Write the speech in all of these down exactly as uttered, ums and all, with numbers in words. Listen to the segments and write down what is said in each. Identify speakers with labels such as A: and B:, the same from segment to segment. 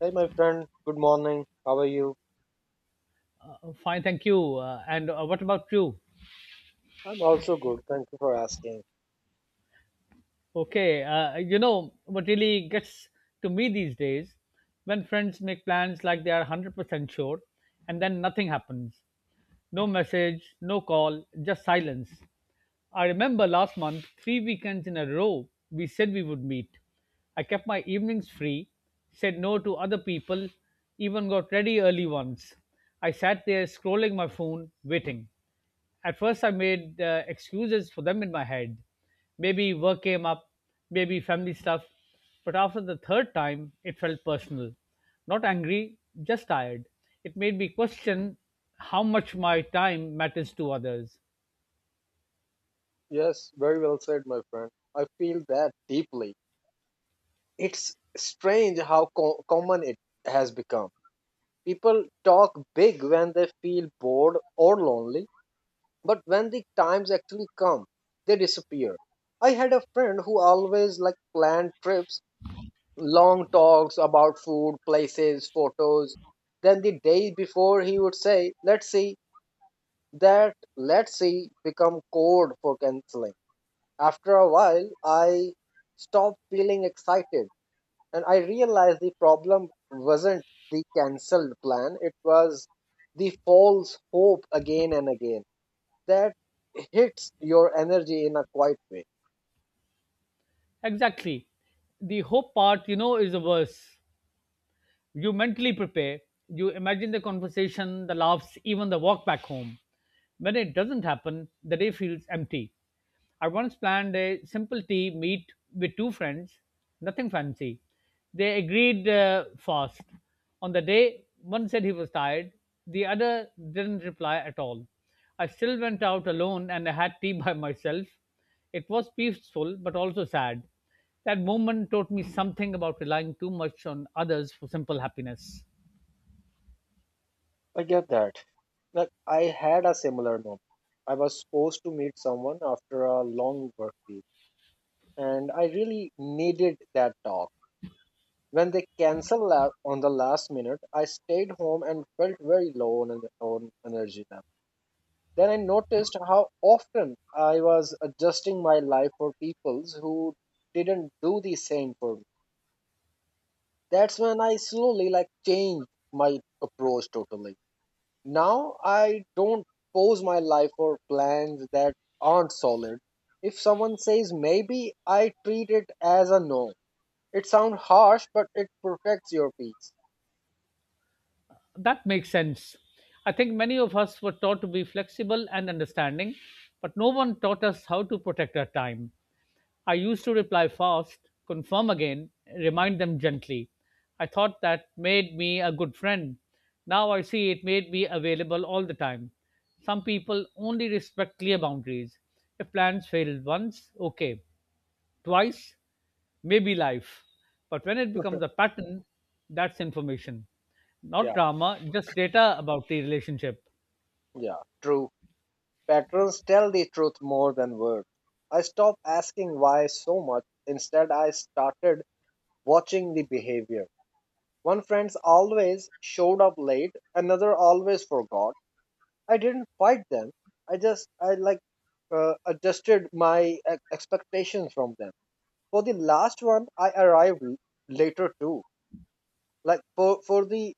A: Hey, my friend. Good morning. How are you?
B: Oh, fine, thank you. Uh, and uh, what about you?
A: I'm also good. Thank you for asking.
B: Okay, uh, you know what really gets to me these days when friends make plans like they are one hundred percent sure and then nothing happens. No message, no call, just silence. I remember last month, three weekends in a row, we said we would meet. I kept my evenings free, said no to other people, even got ready early once. I sat there scrolling my phone, waiting. At first, I made uh, excuses for them in my head. Maybe work came up, maybe family stuff. But after the third time, it felt personal. Not angry, just tired. It made me question how much my time matters to others.
A: Yes, very well said, my friend. I feel that deeply. It's strange how co- common it has become. People talk big when they feel bored or lonely, but when the times actually come, they disappear. I had a friend who always like planned trips, long talks about food, places, photos. Then the day before, he would say, "Let's see," that "let's see" become code for canceling. After a while, I stopped feeling excited and I realized the problem wasn't the cancelled plan, it was the false hope again and again that hits your energy in a quiet way.
B: Exactly. The hope part, you know, is the worst. You mentally prepare, you imagine the conversation, the laughs, even the walk back home. When it doesn't happen, the day feels empty. I once planned a simple tea meet with two friends, nothing fancy. They agreed uh, fast. On the day, one said he was tired, the other didn't reply at all. I still went out alone and I had tea by myself. It was peaceful but also sad. That moment taught me something about relying too much on others for simple happiness.
A: I get that. Like, I had a similar moment. I was supposed to meet someone after a long work week, and I really needed that talk. When they cancelled la- on the last minute, I stayed home and felt very low on, on energy level. Then I noticed how often I was adjusting my life for people who didn't do the same for me. That's when I slowly like changed my approach totally. Now I don't pose my life for plans that aren't solid. If someone says maybe, I treat it as a no. It sounds harsh, but it protects your peace.
B: That makes sense. I think many of us were taught to be flexible and understanding, but no one taught us how to protect our time. I used to reply fast, confirm again, remind them gently. I thought that made me a good friend. Now I see it made me available all the time. Some people only respect clear boundaries. If plans failed once, okay. Twice, may be life. But when it becomes a pattern, that's information,
A: Yeah.
B: not drama, just data about the relationship.
A: Yeah, true. Patterns tell the truth more than words. I stopped asking why so much. Instead, I started watching the behavior. One friend always showed up late, another always forgot. I didn't fight them. I just, I like, uh, adjusted my e- expectations from them. For the last one, I arrived l- later too. Like for for the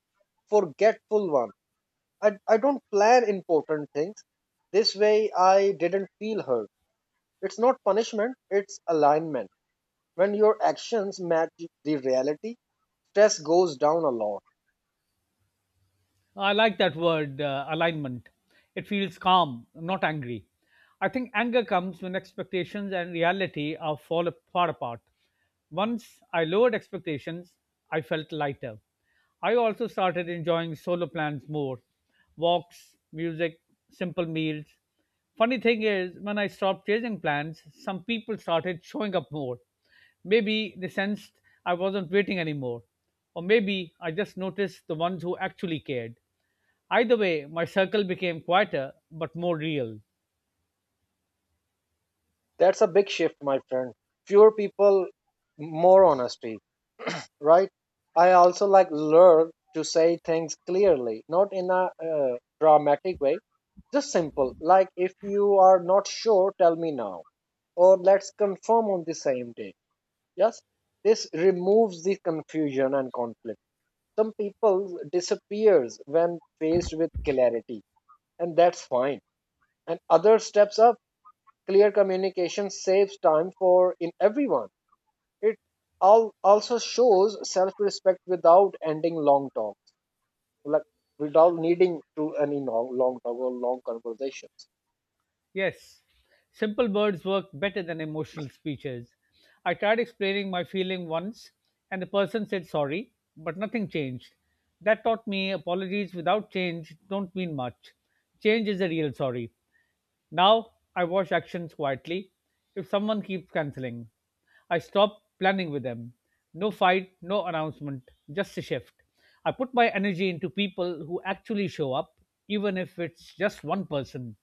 A: forgetful one, I I don't plan important things. This way, I didn't feel hurt. It's not punishment, it's alignment. When your actions match the reality, stress goes down a lot.
B: I like that word, uh, alignment. It feels calm, not angry. I think anger comes when expectations and reality are fall far apart. Once I lowered expectations, I felt lighter. I also started enjoying solo plans more: walks, music, simple meals. Funny thing is, when I stopped chasing plans, some people started showing up more. Maybe they sensed I wasn't waiting anymore. Or maybe I just noticed the ones who actually cared. Either way, my circle became quieter but more real.
A: That's a big shift, my friend. Fewer people, more honesty, right? I also like learn to say things clearly, not in a uh, dramatic way, just simple. Like if you are not sure, tell me now, or let's confirm on the same day. Yes, this removes the confusion and conflict. Some people disappears when faced with clarity, and that's fine, and other steps up. Clear communication saves time for in everyone. It all also shows self-respect without ending long talks, like without needing to any long, long talk or long conversations.
B: Yes, simple words work better than emotional speeches. I tried explaining my feeling once, and the person said sorry, but nothing changed. That taught me apologies without change don't mean much. Change is a real sorry. Now I watch actions quietly. If someone keeps cancelling, I stop planning with them. No fight, no announcement, just a shift. I put my energy into people who actually show up, even if it's just one person.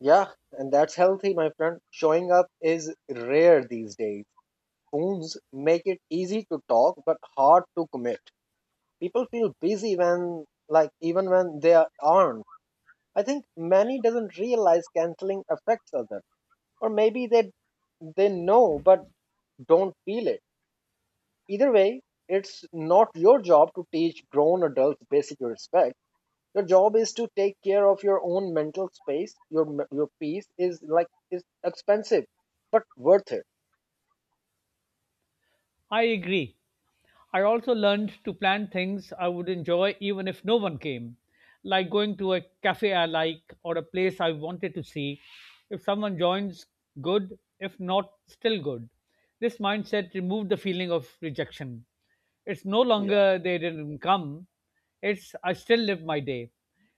A: Yeah, and that's healthy, my friend. Showing up is rare these days. Phones make it easy to talk but hard to commit. People feel busy when, like, even when they are- aren't. I think many doesn't realize canceling affects others, or maybe they they know but don't feel it. Either way, it's not your job to teach grown adults basic respect. Your job is to take care of your own mental space. Your m- your peace is, like, is expensive, but worth it.
B: I agree. I also learned to plan things I would enjoy even if no one came, like going to a cafe I like or a place I wanted to see. If someone joins, good. If not, still good. This mindset removed the feeling of rejection. It's no
A: Yeah.
B: longer they didn't come, it's I still live my day.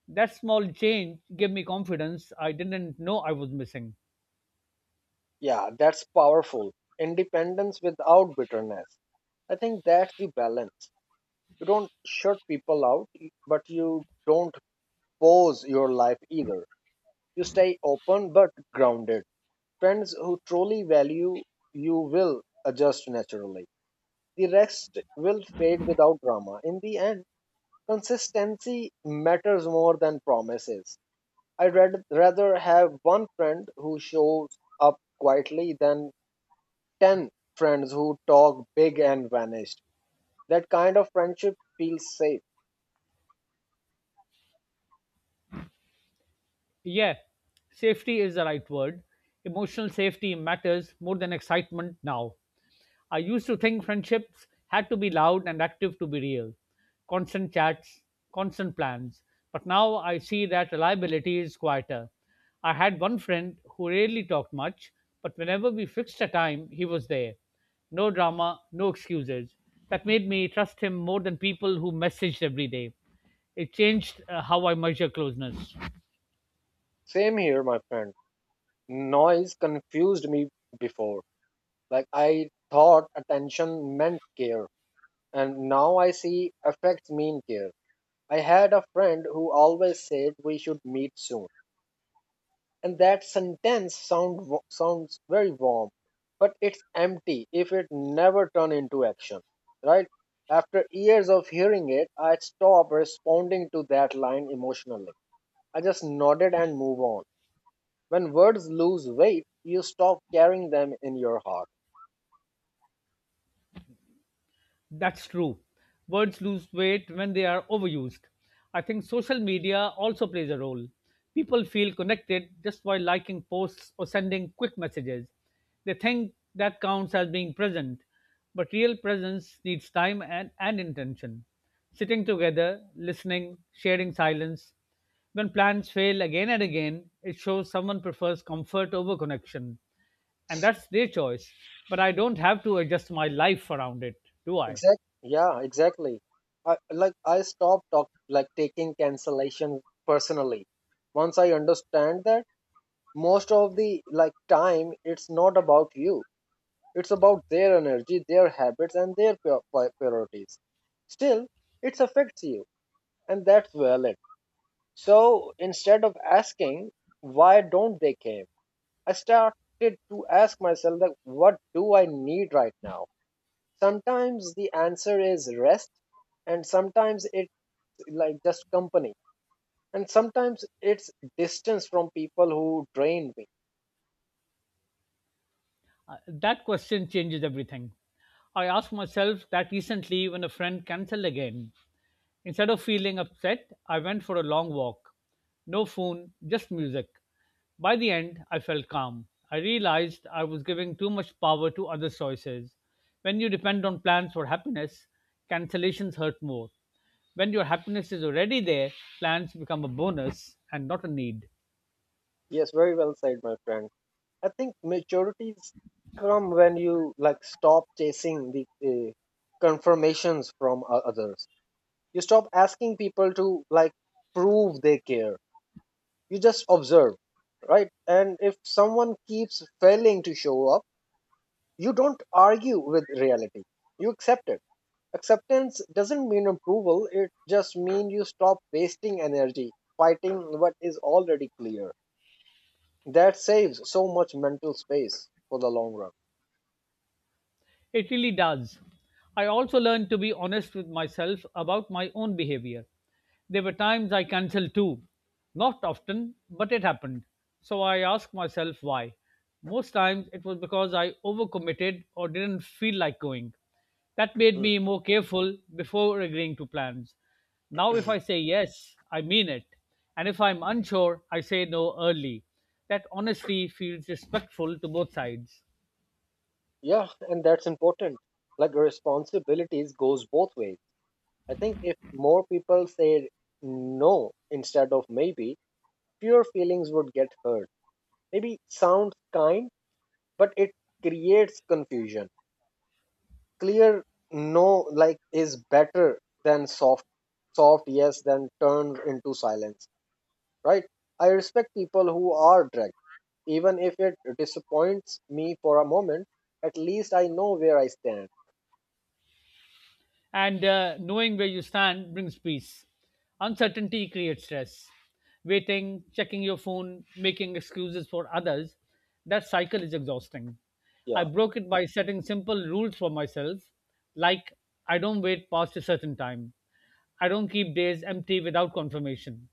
B: That small change gave me confidence I didn't know I was missing.
A: Yeah, that's powerful. Independence without bitterness, I think that's the balance. You don't shut people out, but you don't pose your life either. You stay open but grounded. Friends who truly value you will adjust naturally. The rest will fade without drama. In the end, consistency matters more than promises. I'd rad- rather have one friend who shows up quietly than ten friends who talk big and vanished. That kind of friendship feels safe.
B: Yeah, safety is the right word. Emotional safety matters more than excitement now. I used to think friendships had to be loud and active to be real, constant chats, constant plans. But now I see that reliability is quieter. I had one friend who rarely talked much, but whenever we fixed a time, he was there. No drama, no excuses. That made me trust him more than people who messaged every day. It changed, uh, how I measure closeness.
A: Same here, my friend. Noise confused me before. Like, I thought attention meant care, and now I see affects mean care. I had a friend who always said we should meet soon, and that sentence sound sounds very warm, but it's empty if it never turn into action, right? After years of hearing it, I stopped responding to that line emotionally. I just nodded and move on. When words lose weight, you stop carrying them in your heart.
B: That's true. Words lose weight when they are overused. I think social media also plays a role. People feel connected just by liking posts or sending quick messages. They think that counts as being present, but real presence needs time and, and intention. Sitting together, listening, sharing silence. When plans fail again and again, it shows someone prefers comfort over connection. And that's their choice, but I don't have to adjust my life around it, do I?
A: Exactly. Yeah, exactly. I like I stopped talk, like taking cancellation personally. Once I understand that most of the like time it's not about you. It's about their energy, their habits and their pri- pri- priorities. Still, it affects you and that's valid. So instead of asking why don't they came, I started to ask myself that what do I need right now? Sometimes the answer is rest, and sometimes it's like just company, and sometimes it's distance from people who drain me.
B: Uh, that question changes everything. I asked myself that recently when a friend cancelled again. Instead of feeling upset, I went for a long walk. No phone, just music. By the end, I felt calm. I realized I was giving too much power to other choices. When you depend on plans for happiness, cancellations hurt more. When your happiness is already there, plans become a bonus and not a need.
A: Yes, very well said, my friend. I think maturities come when you like stop chasing the uh, confirmations from o- others. You stop asking people to like prove they care. You just observe, right? And if someone keeps failing to show up, you don't argue with reality. You accept it. Acceptance doesn't mean approval, it just means you stop wasting energy fighting what is already clear. That saves so much mental space for the long run.
B: It really does. I also learned to be honest with myself about my own behavior. There were times I cancelled too. Not often, but it happened. So I asked myself why. Most times it was because I overcommitted or didn't feel like going. That made
A: Hmm.
B: me more careful before agreeing to plans. Now, if I say yes, I mean it. And if I'm unsure, I say no early. That honesty feels respectful to both sides.
A: Yeah, and that's important. Like, responsibilities goes both ways. I think if more people said no instead of maybe, fewer feelings would get hurt. Maybe sounds kind, but it creates confusion. Clear no, like, is better than soft. Soft yes than turned into silence, right? I respect people who are dragged, even if it disappoints me for a moment. At least I know where I stand.
B: And uh, knowing where you stand brings peace. Uncertainty creates stress. Waiting, checking your phone, making excuses for others, that cycle is exhausting. I
A: Yeah.
B: broke it by setting simple rules for myself, like I don't wait past a certain time, I don't keep days empty without confirmation.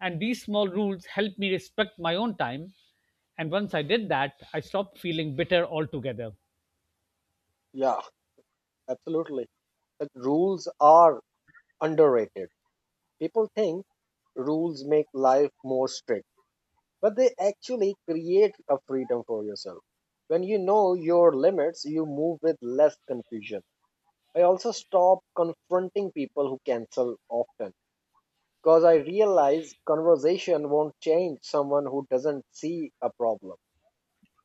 B: And these small rules help me respect my own time. And once I did that, I stopped feeling bitter altogether.
A: Yeah, absolutely. But rules are underrated. People think rules make life more strict, but they actually create a freedom for yourself. When you know your limits you move with less confusion. I also stop confronting people who cancel often, because I realize conversation won't change someone who doesn't see a problem.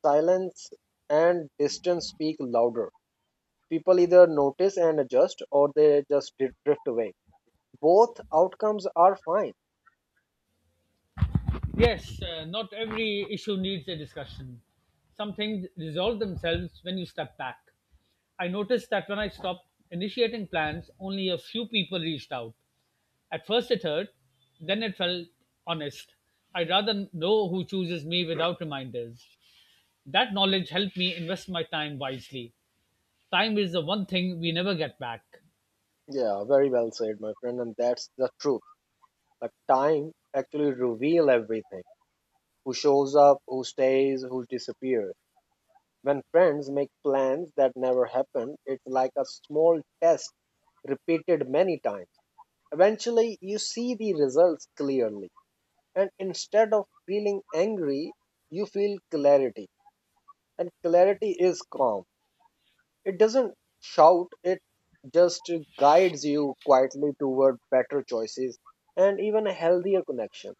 A: Silence and distance speak louder. People either notice and adjust or they just dri- drift away. Both outcomes are fine.
B: Yes, uh, not every issue needs a discussion. Some things resolve themselves when you step back. I noticed that when I stopped initiating plans, only a few people reached out. At first it hurt, then it felt honest. I'd rather know who chooses me without reminders. That knowledge helped me invest my time wisely. Time is the one thing we never get back.
A: Yeah, very well said, my friend, and that's the truth. Like, time actually reveal everything. Who shows up, who stays, who disappears. When friends make plans that never happen, it's like a small test repeated many times. Eventually, you see the results clearly, and instead of feeling angry, you feel clarity. And clarity is calm, it doesn't shout, it just guides you quietly toward better choices and even a healthier connection.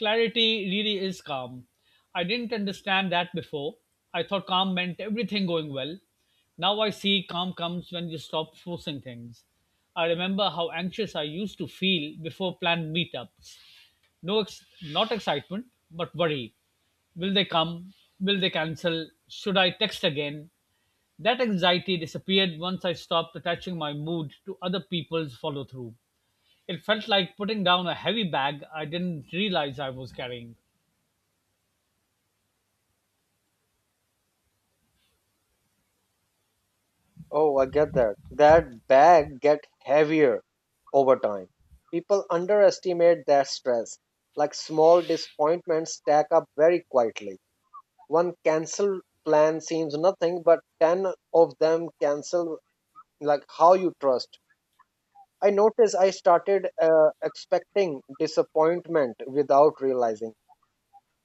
B: Clarity really is calm. I didn't understand that before. I thought calm meant everything going well. Now I see calm comes when you stop forcing things. I remember how anxious I used to feel before planned meetups. No, ex- not excitement, but worry. Will they come? Will they cancel? Should I text again? That anxiety disappeared once I stopped attaching my mood to other people's follow through. It felt like putting down a heavy bag I didn't realize I was carrying.
A: Oh, I get that. That bag get heavier over time. People underestimate that stress. Like, small disappointments stack up very quietly. One cancel plan seems nothing, but ten of them cancel like how you trust. I noticed I started uh, expecting disappointment without realizing.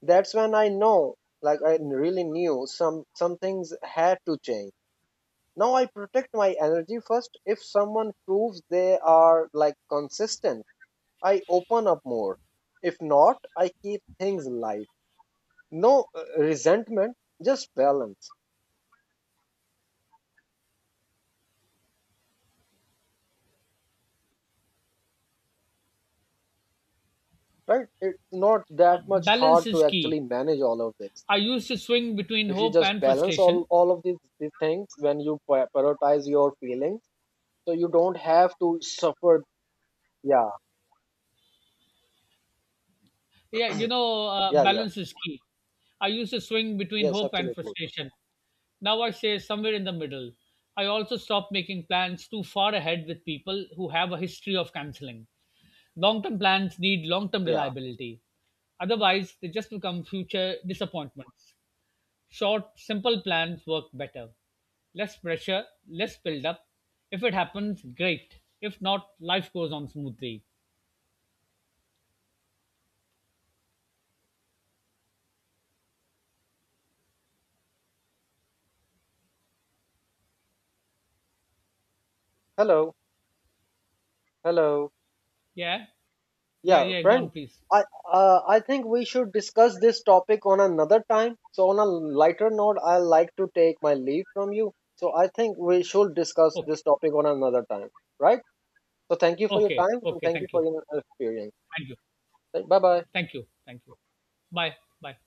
A: That's when I know, like, I really knew some some things had to change. Now I protect my energy first. If someone proves they are like consistent, I open up more. If not, I keep things light. No uh, resentment, just balance, right? It's not
B: Uh,
A: that much hard
B: balance
A: to
B: is key.
A: actually manage all of this.
B: I used to swing between
A: If you
B: hope
A: just
B: and
A: balance all,
B: frustration.
A: all of these, these things when you pri- prioritize your feelings, so you don't have to suffer. Yeah,
B: Yeah, you know, uh,
A: yeah, yeah.
B: balance is key. I used to swing between
A: Yes,
B: hope and
A: absolutely.
B: frustration. Now I say somewhere in the middle. I also stopped making plans too far ahead with people who have a history of canceling. Long term plans need long term
A: Yeah.
B: reliability. Otherwise, they just become future disappointments. Short, simple plans work better. Less pressure, less build-up. If it happens, great. If not, life goes on smoothly.
A: Hello, hello.
B: Yeah, yeah,
A: Yeah,
B: yeah. Go
A: friend.
B: on, please.
A: I uh, I think we should discuss this topic on another time. So on a lighter note, I like to take my leave from you. So I think we should discuss
B: Okay,
A: this topic on another time, right? So thank you for your
B: okay,
A: time and
B: okay.
A: thank you
B: Thank you,
A: for your experience.
B: thank you,
A: Bye bye.
B: thank you, thank you. Bye, bye.